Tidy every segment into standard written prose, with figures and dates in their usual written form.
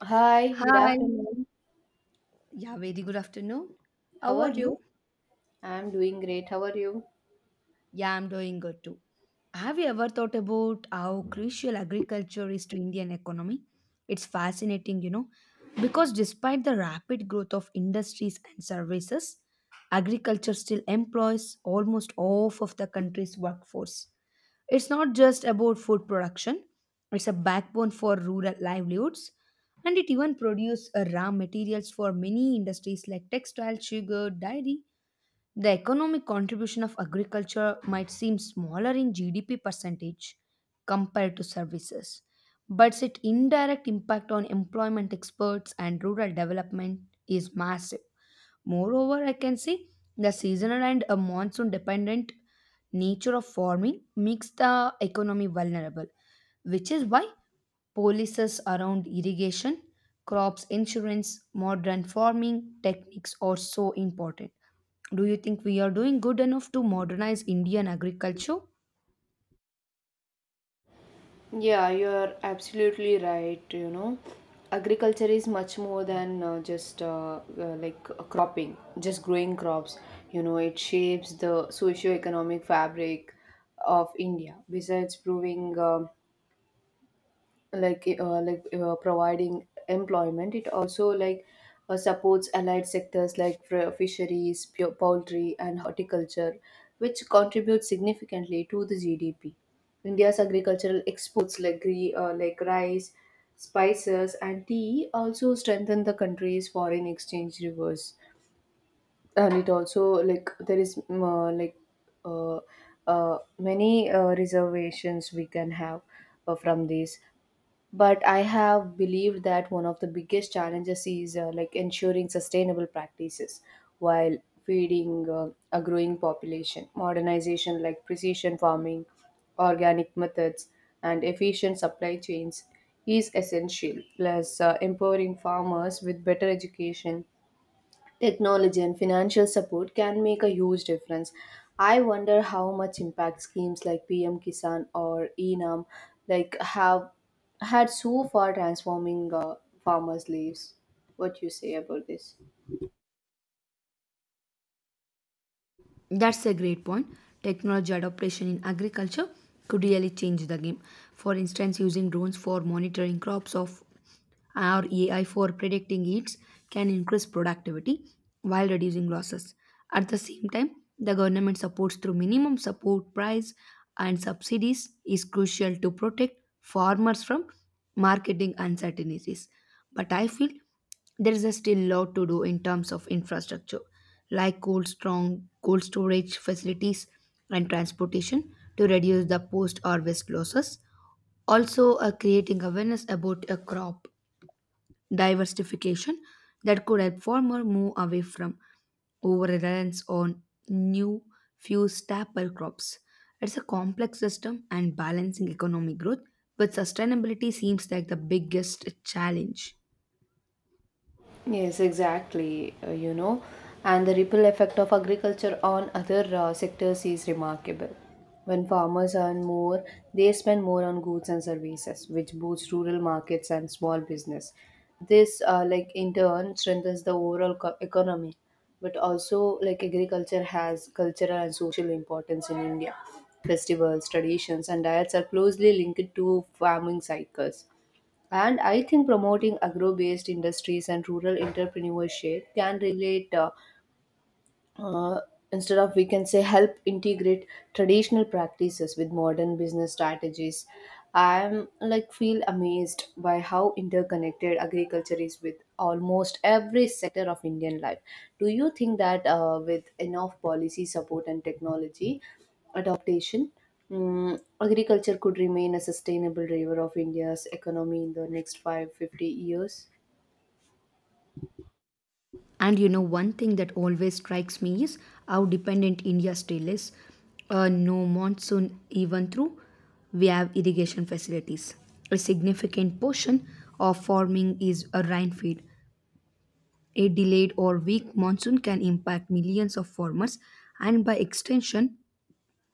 Hi, good Hi. afternoon. Yeah, very good afternoon. How How are are you? you? I'm doing great. How are you? Yeah, I'm doing good too. Have you ever thought about how crucial agriculture is to Indian economy? It's fascinating because despite the rapid growth of industries and services, agriculture still employs almost half of the country's workforce. It's not just about food production, it's a backbone for rural livelihoods, and it even produces raw materials for many industries like textile, sugar, dairy. The economic contribution of agriculture might seem smaller in GDP percentage compared to services, but its indirect impact on employment experts and rural development is massive. Moreover, I can say the seasonal and a monsoon dependent nature of farming makes the economy vulnerable, which is why policies around irrigation, crops insurance, modern farming techniques are so important. Do you think we are doing good enough to modernize Indian agriculture? Yeah, you're absolutely right. You know, agriculture is much more than just like cropping, just growing crops. You know, it shapes the socio-economic fabric of India. Besides proving providing employment, it also like supports allied sectors like fisheries, poultry, and horticulture, which contribute significantly to the gdp. India's agricultural exports like rice, spices, and tea also strengthen the country's foreign exchange reserves. And it also like there is uh, many reservations we can have from these, but I have believed that one of the biggest challenges is like ensuring sustainable practices while feeding a growing population. Modernization like precision farming, organic methods, and efficient supply chains is essential, plus empowering farmers with better education, technology, and financial support can make a huge difference. I wonder how much impact schemes like PM Kisan or ENAM like have had so far transforming farmers' lives. What you say about this? That's a great point. Technology adoption in agriculture could really change the game. For instance, using drones for monitoring crops of or AI for predicting yields can increase productivity while reducing losses. At the same time, the government supports through minimum support price and subsidies is crucial to protect farmers from marketing uncertainties. But I feel there is a still lot to do in terms of infrastructure, like cold strong cold storage facilities and transportation to reduce the post harvest losses. Also, creating awareness about a crop diversification that could help farmer move away from over reliance on new few staple crops. It's a complex system, and balancing economic growth with sustainability seems like the biggest challenge. Yes, exactly. You know, and the ripple effect of agriculture on other sectors is remarkable. When farmers earn more, they spend more on goods and services, which boosts rural markets and small business. This, like in turn, strengthens the overall economy. But also, like agriculture has cultural and social importance in India. Festivals, traditions, and diets are closely linked to farming cycles, and I think promoting agro based industries and rural entrepreneurship can relate. Uh, Instead of, we can say, help integrate traditional practices with modern business strategies. I'm like feel amazed by how interconnected agriculture is with almost every sector of Indian life. Do you think that with enough policy support and technology adaptation, agriculture could remain a sustainable driver of India's economy in the next 5, 50 years? One thing that always strikes me is how dependent India still is. No monsoon, even through we have irrigation facilities. A significant portion of farming is a rain feed. A delayed or weak monsoon can impact millions of farmers and, by extension,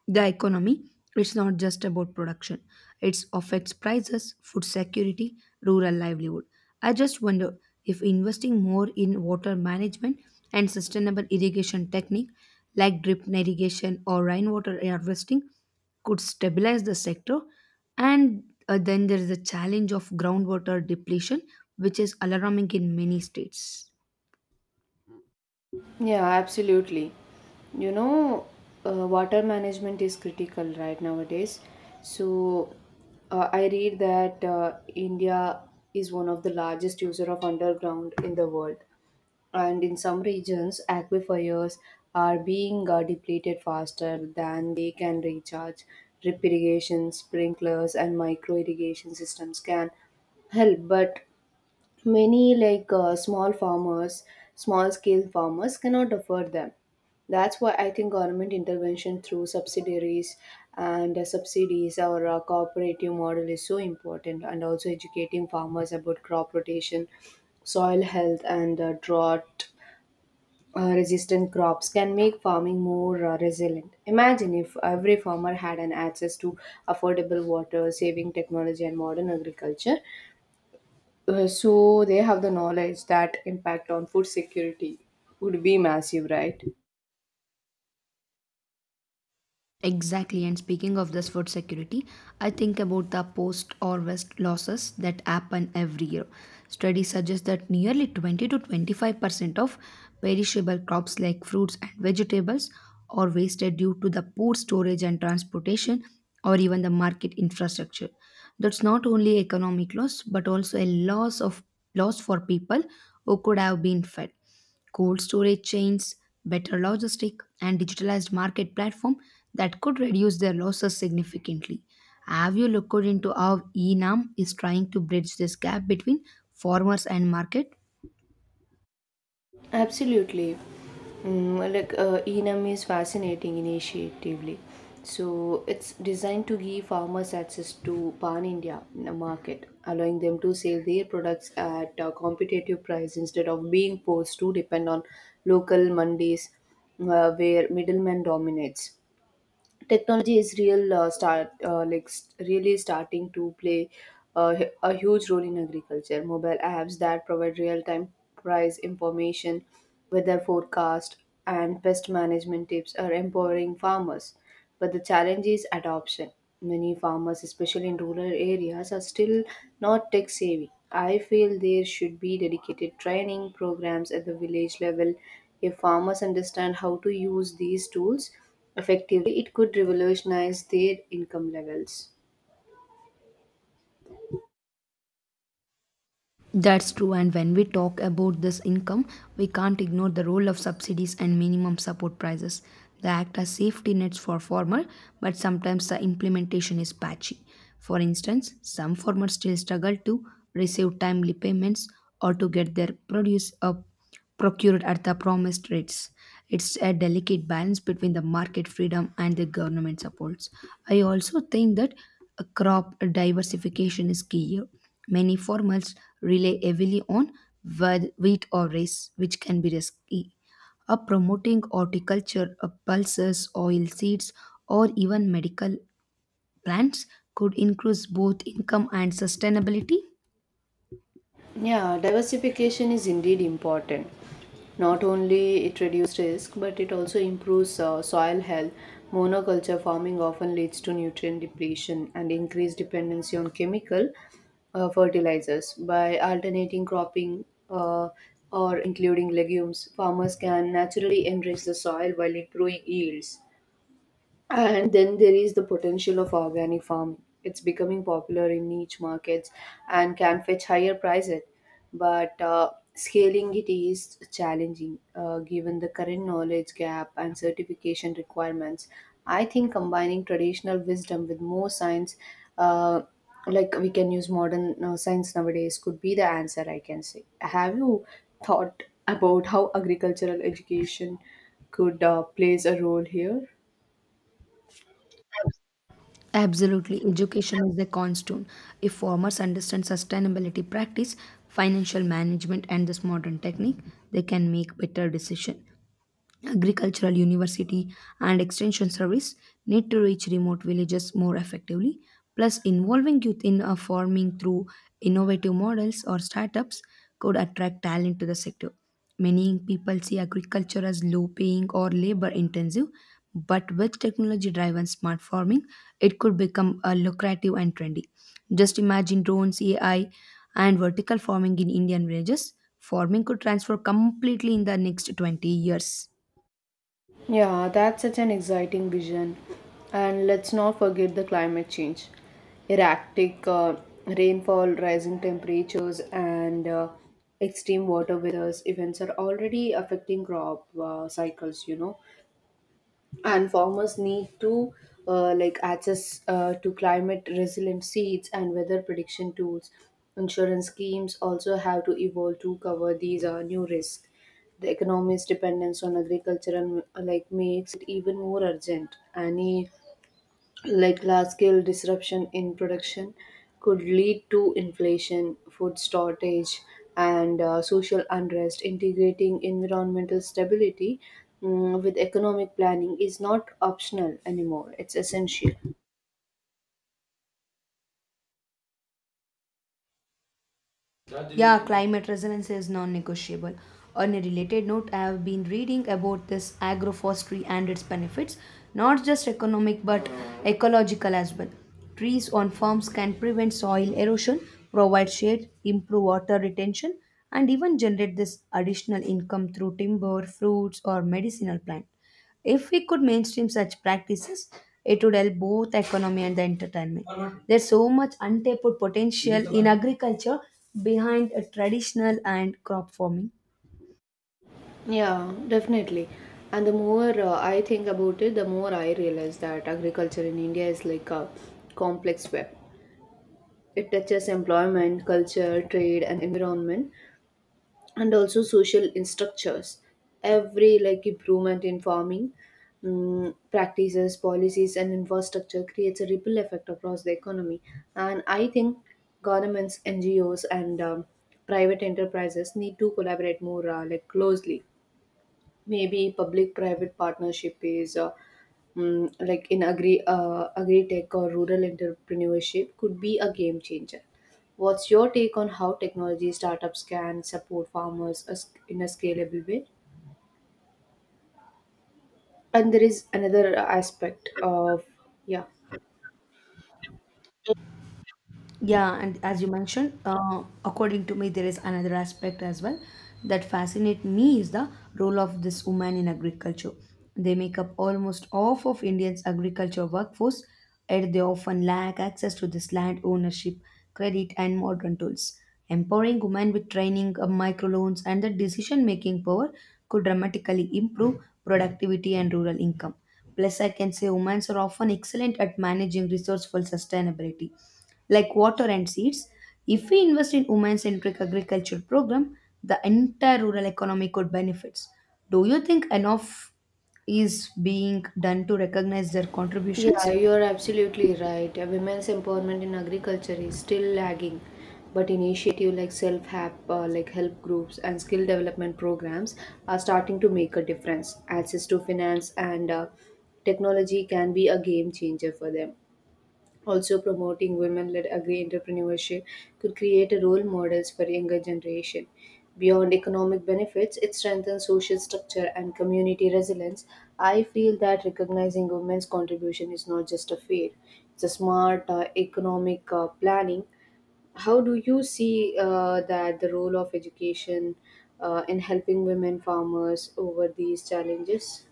the economy. It's not just about production. It affects prices, food security, rural livelihood. I just wonder if investing more in water management and sustainable irrigation technique like drip irrigation or rainwater harvesting could stabilize the sector, and then there is the challenge of groundwater depletion which is alarming in many states. Yeah, absolutely. You know, water management is critical right nowadays. So, I read that India is one of the largest user of underground in the world, and in some regions, aquifers are being depleted faster than they can recharge. Drip irrigation, sprinklers, and micro irrigation systems can help, but many like small farmers small scale farmers cannot afford them. That's why I think government intervention through subsidiaries and subsidies or cooperative model is so important, and also educating farmers about crop rotation, soil health, and drought resistant crops can make farming more resilient. Imagine if every farmer had an access to affordable water saving technology and modern agriculture, so they have the knowledge. That impact on food security would be massive, right? Exactly, and speaking of this food security, I think about the post harvest losses that happen every year. Studies suggest that nearly 20 to 25% of perishable crops like fruits and vegetables are wasted due to the poor storage and transportation or even the market infrastructure. That's not only economic loss but also a loss of loss for people who could have been fed. Cold storage chains, better logistic, and digitalized market platform that could reduce their losses significantly. Have you looked into how ENAM is trying to bridge this gap between farmers and market? Absolutely. Enam is fascinating initiatively. So it's designed to give farmers access to pan-India market, allowing them to sell their products at a competitive price instead of being forced to depend on local mandis, where middlemen dominates. Technology is really starting to play a huge role in agriculture. Mobile apps that provide real time price information, weather forecast, and pest management tips are empowering farmers, but the challenge is adoption. Many farmers, especially in rural areas, are still not tech savvy. I feel there should be dedicated training programs at the village level. If farmers understand how to use these tools effectively, it could revolutionize their income levels. That's true, and when we talk about this income, we can't ignore the role of subsidies and minimum support prices. They act as safety nets for farmer, but sometimes the implementation is patchy. For instance, some farmers still struggle to receive timely payments or to get their produce up procured at the promised rates. It's a delicate balance between the market freedom and the government supports. I also think that crop diversification is key here. Many farmers rely heavily on wheat or rice, which can be risky. Promoting horticulture, pulses, oil seeds, or even medical plants could increase both income and sustainability. Yeah, diversification is indeed important. Not only it reduces risk, but it also improves soil health. Monoculture farming often leads to nutrient depletion and increased dependency on chemical fertilizers. By alternating cropping or including legumes, farmers can naturally enrich the soil while improving yields. And then there is the potential of organic farming. It's becoming popular in niche markets and can fetch higher prices, but scaling it is challenging given the current knowledge gap and certification requirements. I think combining traditional wisdom with more science, uh, like we can use modern science nowadays, could be the answer, I can say. Have you thought about how agricultural education could plays a role here? Absolutely, education is the cornerstone. If farmers understand sustainability practice, financial management, and this modern technique, they can make better decision. Agricultural university and extension service need to reach remote villages more effectively. Plus, involving youth in farming through innovative models or startups could attract talent to the sector. Many people see agriculture as low paying or labor intensive, but with technology driven smart farming, it could become a lucrative and trendy. Just imagine drones, AI, and vertical farming in Indian villages. Farming could transform completely in the next 20 years. Yeah, that's such an exciting vision. And let's not forget the climate change. Erratic rainfall, rising temperatures, and extreme water withers events are already affecting crop cycles, you know, and farmers need to like access to climate resilient seeds and weather prediction tools. Insurance schemes also have to evolve to cover these new risks. The economy's dependence on agriculture and like makes it even more urgent. Any like large scale disruption in production could lead to inflation, food shortage, and social unrest. Integrating environmental stability with economic planning is not optional anymore, it's essential. Yeah, climate resilience is non negotiable. On a related note, I have been reading about this agroforestry and its benefits, not just economic but ecological as well. Trees on farms can prevent soil erosion, provide shade, improve water retention, and even generate this additional income through timber, fruits, or medicinal plants. If we could mainstream such practices, it would help both economy and the entertainment. There's so much untapped potential in agriculture behind a traditional and crop farming. Yeah, definitely. And the more I think about it, the more I realize that agriculture in India is like a complex web. It touches employment, culture, trade, and environment, and also social structures. Every like improvement in farming practices, policies, and infrastructure creates a ripple effect across the economy. And I think governments, ngos, and private enterprises need to collaborate more like closely. Maybe public private partnership is like in agri tech or rural entrepreneurship could be a game changer. What's your take on how technology startups can support farmers in a scalable way? And there is another aspect of, yeah. Yeah, and as you mentioned, according to me, there is another aspect as well that fascinate me is the role of this woman in agriculture. They make up almost half of India's agriculture workforce, and they often lack access to this land ownership, credit, and modern tools. Empowering women with training, microloans, and the decision-making power could dramatically improve productivity and rural income. Plus, I can say women are often excellent at managing resourceful sustainability like water and seeds. If we invest in women-centric agriculture program, the entire rural economy could benefits. Do you think enough is being done to recognize their Yeah, contributions? you're absolutely right. Women's empowerment in agriculture is still lagging, but initiatives like help groups and skill development programs are starting to make a difference. Access to finance and technology can be a game changer for them. Also, promoting women-led agri-entrepreneurship could create a role models for younger generation. Beyond economic benefits, it strengthens social structure and community resilience. I feel that recognizing women's contribution is not just a fair; it's a smart economic planning. How do you see that the role of education in helping women farmers over these challenges?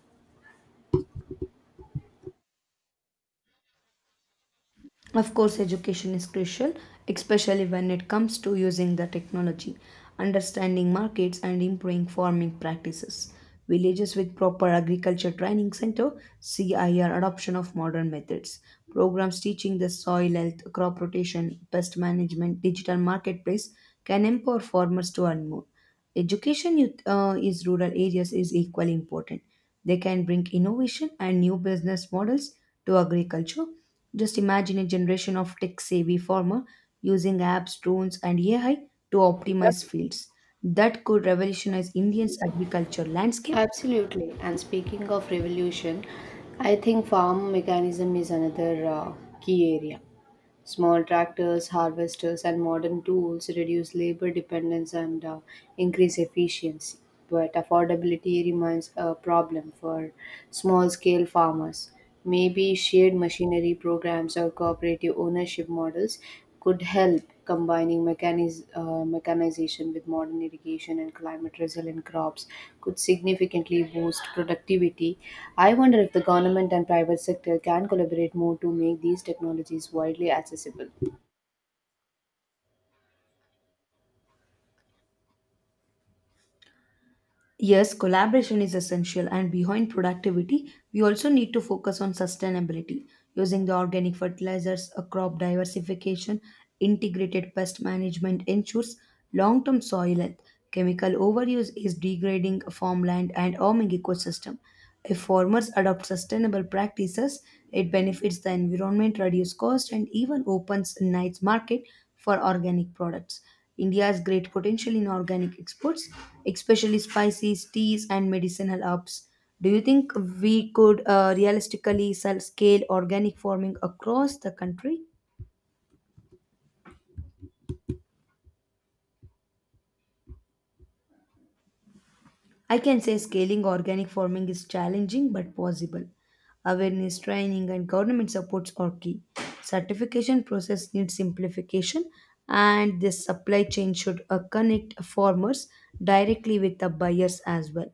Of course, education is crucial, especially when it comes to using the technology, understanding markets, and improving farming practices. Villages with proper agriculture training center (CIR) adoption of modern methods, programs teaching the soil health, crop rotation, pest management, digital marketplace can empower farmers to earn more. Education in is rural areas is equally important. They can bring innovation and new business models to agriculture. Just imagine a generation of tech-savvy farmer using apps, drones, and AI to optimize fields. That could revolutionize India's agriculture landscape. Absolutely. And speaking of revolution, I think farm mechanism is another key area. Small tractors, harvesters, and modern tools reduce labor dependence and increase efficiency. But affordability remains a problem for small scale farmers. Maybe shared machinery programs or cooperative ownership models could help. Combining mechanization with modern irrigation and climate resilient crops could significantly boost productivity. I wonder if the government and private sector can collaborate more to make these technologies widely accessible. Yes, collaboration is essential, and behind productivity, we also need to focus on sustainability using the organic fertilizers, a crop diversification, integrated pest management ensures long term soil health. Chemical overuse is degrading farmland and harming ecosystem. If farmers adopt sustainable practices, it benefits the environment, reduces cost, and even opens a nice market for organic products. India has great potential in organic exports, especially spices, teas, and medicinal herbs. Do you think we could realistically sell scale organic farming across the country? I can say scaling organic farming is challenging but possible. Awareness training and government supports are key. Certification process needs simplification and this supply chain should connect farmers directly with the buyers as well.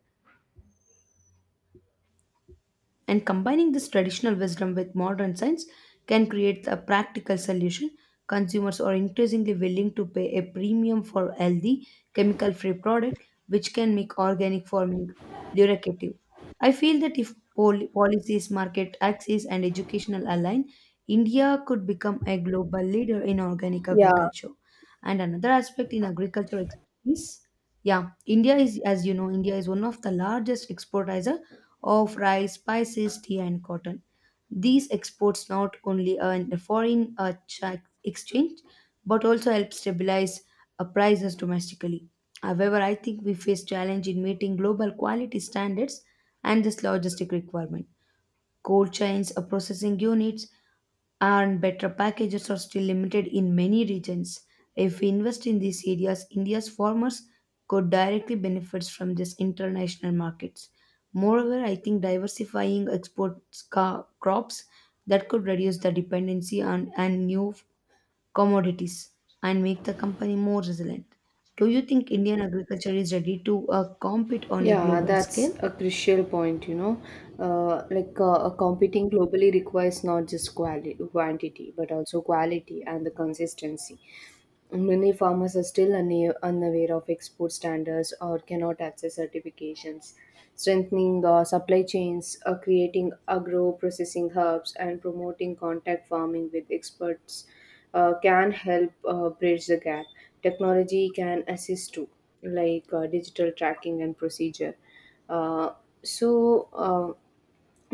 And combining this traditional wisdom with modern science can create a practical solution. Consumers are increasingly willing to pay a premium for healthy, chemical free product, which can make organic farming lucrative. I feel that if policies, market access, and educational align, India could become a global leader in organic Yeah. agriculture. And another aspect in agriculture is, yeah, India is, as you know, India is one of the largest exporter of rice, spices, tea, and cotton. These exports not only earn the foreign exchange, but also help stabilize prices domestically. However, I think we face challenge in meeting global quality standards and this logistic requirement. Cold chains, processing units, and better packages are still limited in many regions. If we invest in these areas, India's farmers could directly benefit from these international markets. Moreover, I think diversifying export crops that could reduce the dependency on and new commodities and make the company more resilient. Do you think Indian agriculture is ready to compete on a Yeah, global that's scale? a crucial point, you know. Competing globally requires not just quantity, but also quality and the consistency. Many farmers are still unaware of export standards or cannot access certifications. Strengthening the supply chains, creating agro processing hubs, and promoting contact farming with experts can help bridge the gap. Technology can assist too, like digital tracking and procedure. Uh, so, uh,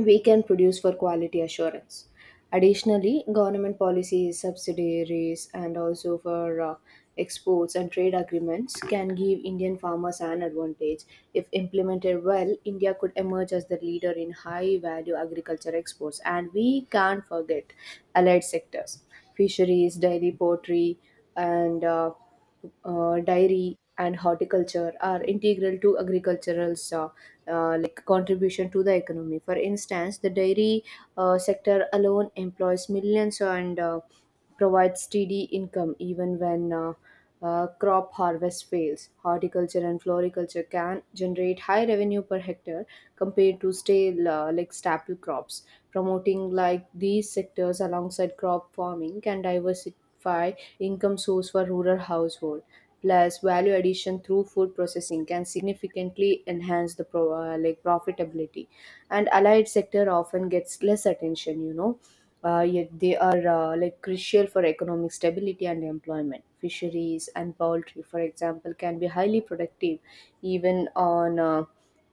we can produce for quality assurance. Additionally, government policies, subsidiaries, and also for exports and trade agreements can give Indian farmers an advantage. If implemented well, India could emerge as the leader in high value agriculture exports. And we can't forget allied sectors: fisheries, dairy, poultry, and dairy and horticulture are integral to agricultural contribution to the economy. For instance, the dairy sector alone employs millions and provides steady income even when crop harvest fails. Horticulture and floriculture can generate high revenue per hectare compared to stale like staple crops. Promoting like these sectors alongside crop farming can diversify income source for rural household. Plus, value addition through food processing can significantly enhance the profitability, and allied sector often gets less attention. You know, yet they are like crucial for economic stability and employment. Fisheries and poultry, for example, can be highly productive even on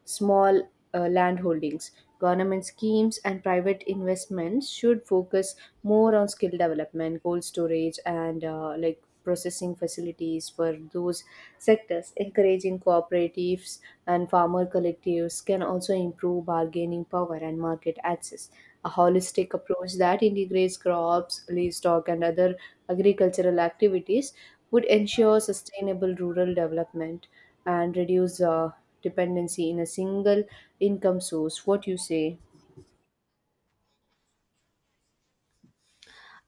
small land holdings. Government schemes and private investments should focus more on skill development, cold storage, and like processing facilities for those sectors. Encouraging cooperatives and farmer collectives can also improve bargaining power and market access. A holistic approach that integrates crops, livestock, and other agricultural activities would ensure sustainable rural development and reduce dependency in a single income source. What you say?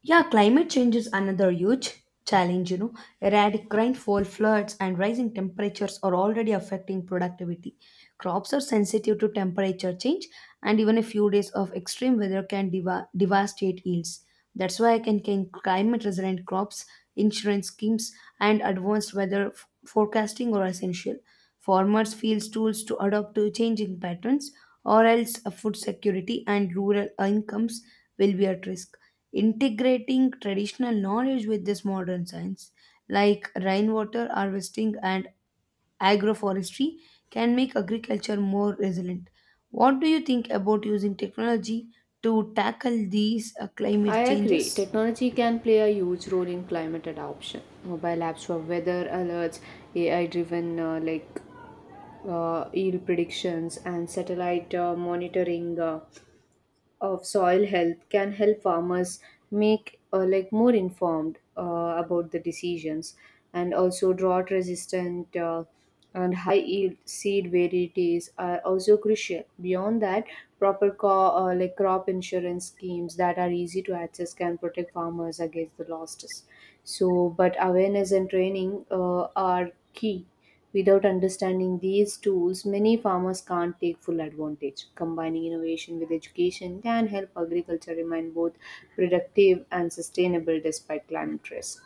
Yeah, climate change is another huge challenge. Erratic rainfall, floods, and rising temperatures are already affecting productivity. Crops are sensitive to temperature change, and even a few days of extreme weather can devastate yields. That's why I can climate resilient crops, insurance schemes, and advanced weather forecasting are essential. Farmers feel tools to adapt to changing patterns, or else food security and rural incomes will be at risk. Integrating traditional knowledge with this modern science like rainwater harvesting and agroforestry can make agriculture more resilient. What do you think about using technology to tackle these I climate agree. changes? Technology can play a huge role in climate adoption. Mobile apps for weather alerts, AI-driven yield predictions, and satellite monitoring of soil health can help farmers make like more informed about the decisions, and also drought resistant and high yield seed varieties are also crucial. Beyond that, proper crop insurance schemes that are easy to access can protect farmers against the losses. So but awareness and training are key. Without understanding these tools, many farmers can't take full advantage. Combining innovation with education can help agriculture remain both productive and sustainable despite climate risk.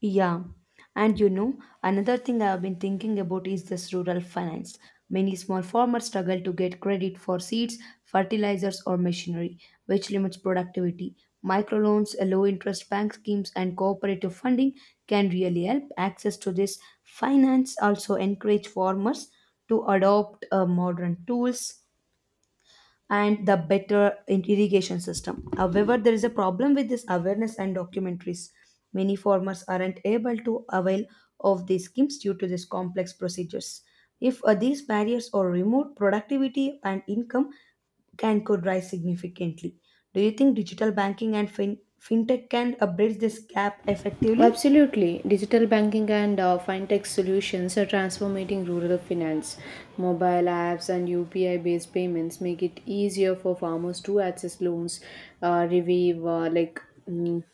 Yeah, and another thing I have been thinking about is this rural finance. Many small farmers struggle to get credit for seeds, fertilizers, or machinery, which limits productivity. Microloans, low interest bank schemes, and cooperative funding can really help. Access to this finance also encourage farmers to adopt modern tools and the better irrigation system. However, there is a problem with this awareness and documentaries. Many farmers aren't able to avail of these schemes due to these complex procedures. If these barriers are removed, productivity and income can could rise significantly. Do you think digital banking and fintech can bridge this gap effectively? Absolutely. Digital banking and fintech solutions are transforming rural finance. Mobile apps and UPI based payments make it easier for farmers to access loans, uh, review uh, like mm,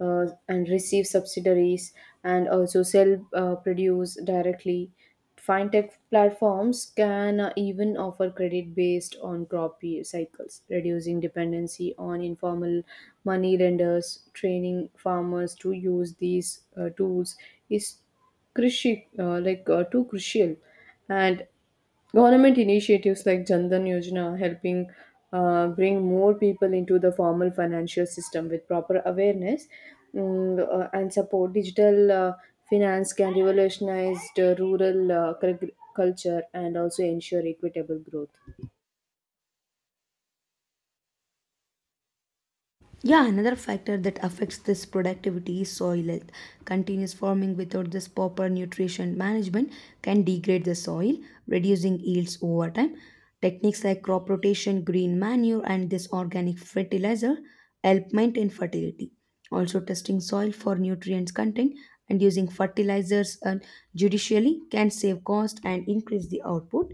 and receive subsidiaries and also sell produce directly. Fintech platforms can even offer credit based on cycles, reducing dependency on informal money lenders. Training farmers to use these tools is crucial, too crucial, and government initiatives like Jandan Yojana helping bring more people into the formal financial system with proper awareness and support. Digital finance can revolutionize the rural culture and also ensure equitable growth. Yeah, another factor that affects this productivity is soil health. Continuous farming without this proper nutrition management can degrade the soil, reducing yields over time. Techniques like crop rotation, green manure, and this organic fertilizer help maintain fertility. Also, testing soil for nutrients content and using fertilizers and judicially can save cost and increase the output.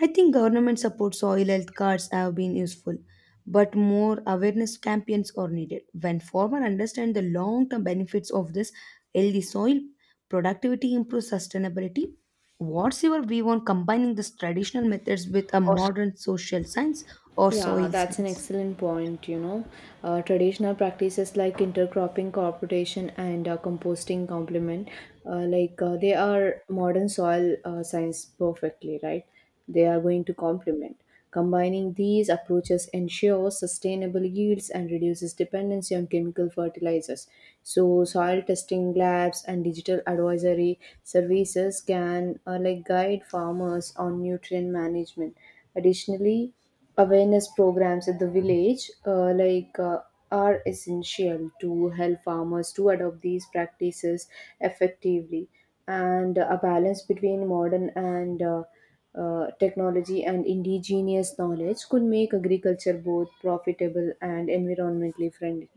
I think government support soil health cards have been useful, but more awareness campaigns are needed. When farmers understand the long term benefits of this healthy soil, productivity improves sustainability. What's your view on combining these traditional methods with a modern social science or Yeah, soil that's an science? excellent point. You know, traditional practices like intercropping, cooperation, and composting complement, they are modern soil science perfectly, right? They are going to complement. Combining these approaches ensures sustainable yields and reduces dependency on chemical fertilizers. So, soil testing labs and digital advisory services can like guide farmers on nutrient management. Additionally, awareness programs at the village are essential to help farmers to adopt these practices effectively, and a balance between modern and technology and indigenous knowledge could make agriculture both profitable and environmentally friendly.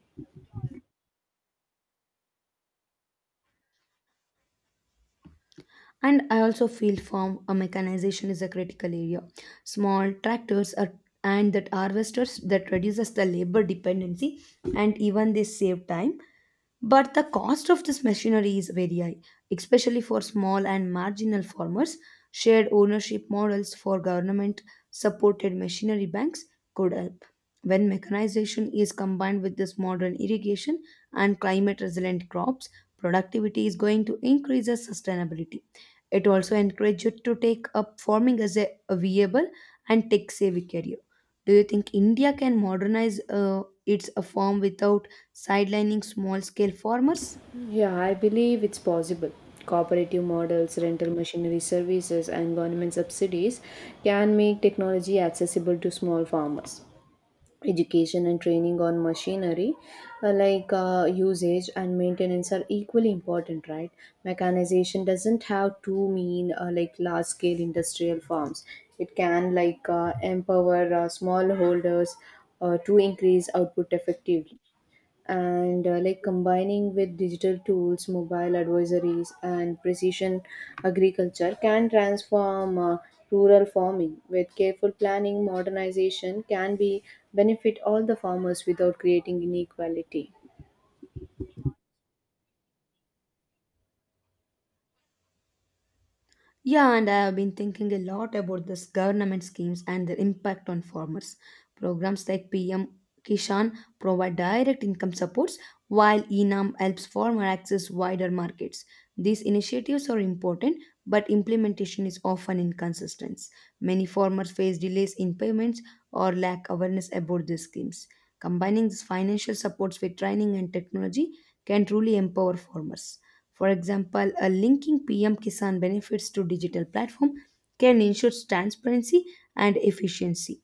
And I also feel farm mechanization is a critical area. Small tractors are, and that harvesters that reduces the labor dependency and even they save time. But the cost of this machinery is very high, especially for small and marginal farmers. Shared ownership models for government supported machinery banks could help. When mechanization is combined with this modern irrigation and climate resilient crops, productivity is going to increase as sustainability. It also encourages you to take up farming as a viable and tech savvy career. Do you think India can modernize its farm without sidelining small scale farmers? Yeah, I believe it's possible. Cooperative models, rental machinery services, and government subsidies can make technology accessible to small farmers. Education and training on machinery usage and maintenance are equally important, right? Mechanization doesn't have to mean like large scale industrial farms. It can like empower smallholders to increase output effectively, and like combining with digital tools, mobile advisories, and precision agriculture can transform rural farming. With careful planning, modernization can be benefit all the farmers without creating inequality. Yeah, and I have been thinking a lot about this government schemes and their impact on farmers. Programs like PM Kishan provide direct income supports, while ENAM helps farmer access wider markets. These initiatives are important, but implementation is often inconsistent. Many farmers face delays in payments or lack awareness about these schemes. Combining these financial supports with training and technology can truly empower farmers. For example, a linking PM Kisan benefits to digital platform can ensure transparency and efficiency.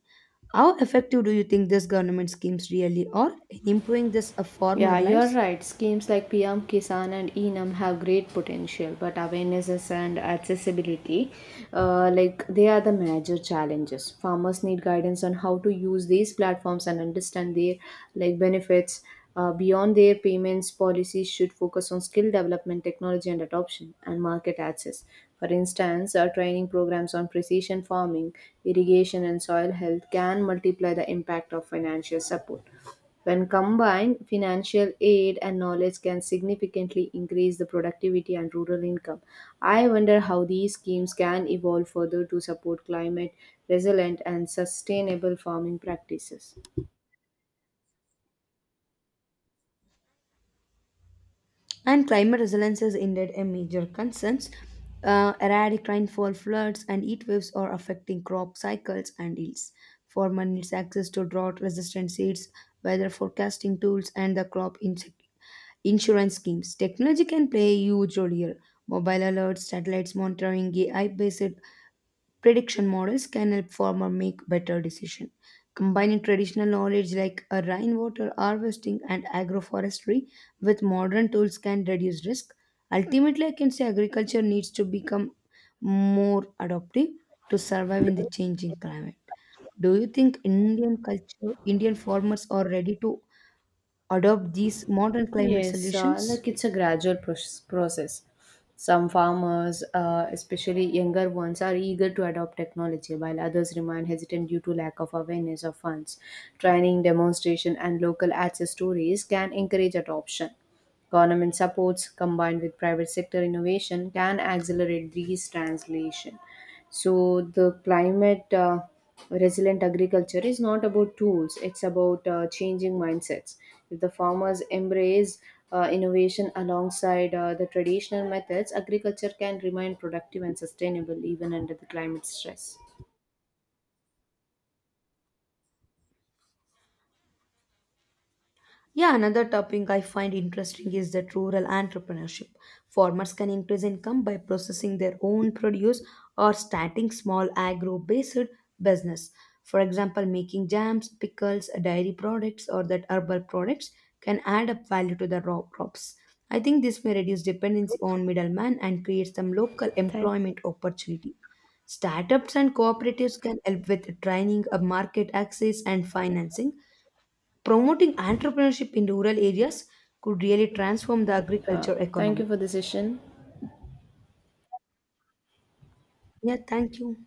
How effective do you think these government schemes really are in improving this farmer Yeah, you're lives? right. Schemes like PM Kisan and Enam have great potential, but awarenesses and accessibility, like they are the major challenges. Farmers need guidance on how to use these platforms and understand their like benefits. Beyond their payments, policies should focus on skill development, technology and adoption, and market access. For instance, our training programs on precision farming, irrigation, and soil health can multiply the impact of financial support. When combined, financial aid and knowledge can significantly increase the productivity and rural income. I wonder how these schemes can evolve further to support climate resilient and sustainable farming practices. And climate resilience is indeed a major concern. Erratic rainfall, floods, and heat waves are affecting crop cycles and yields. Farmer needs access to drought-resistant seeds, weather forecasting tools, and the crop insect insurance schemes. Technology can play a huge role here. Mobile alerts, satellites monitoring, AI-based prediction models can help farmer make better decisions. Combining traditional knowledge like rainwater harvesting and agroforestry with modern tools can reduce risk. Ultimately, I can say agriculture needs to become more adaptive to survive in the changing climate. Do you think Indian culture, Indian farmers are ready to adopt these modern climate Yes, solutions? It's a gradual process. Some farmers, especially younger ones, are eager to adopt technology, while others remain hesitant due to lack of awareness of funds. Training, demonstration, and local access stories can encourage adoption. Government supports combined with private sector innovation can accelerate these translation. So the climate resilient agriculture is not about tools, it's about changing mindsets. If the farmers embrace innovation alongside the traditional methods, agriculture can remain productive and sustainable even under the climate stress. Yeah, another topic I find interesting is that rural entrepreneurship. Farmers can increase income by processing their own produce or starting small agro based business. For example, making jams, pickles, dairy products, or that herbal products can add up value to the raw crops. I think this may reduce dependency on middlemen and create some local Thank you. employment opportunity. Startups and cooperatives can help with training, market access, and financing. Promoting entrepreneurship in rural areas could really transform the agriculture Thank you economy. for the session. Yeah, thank you.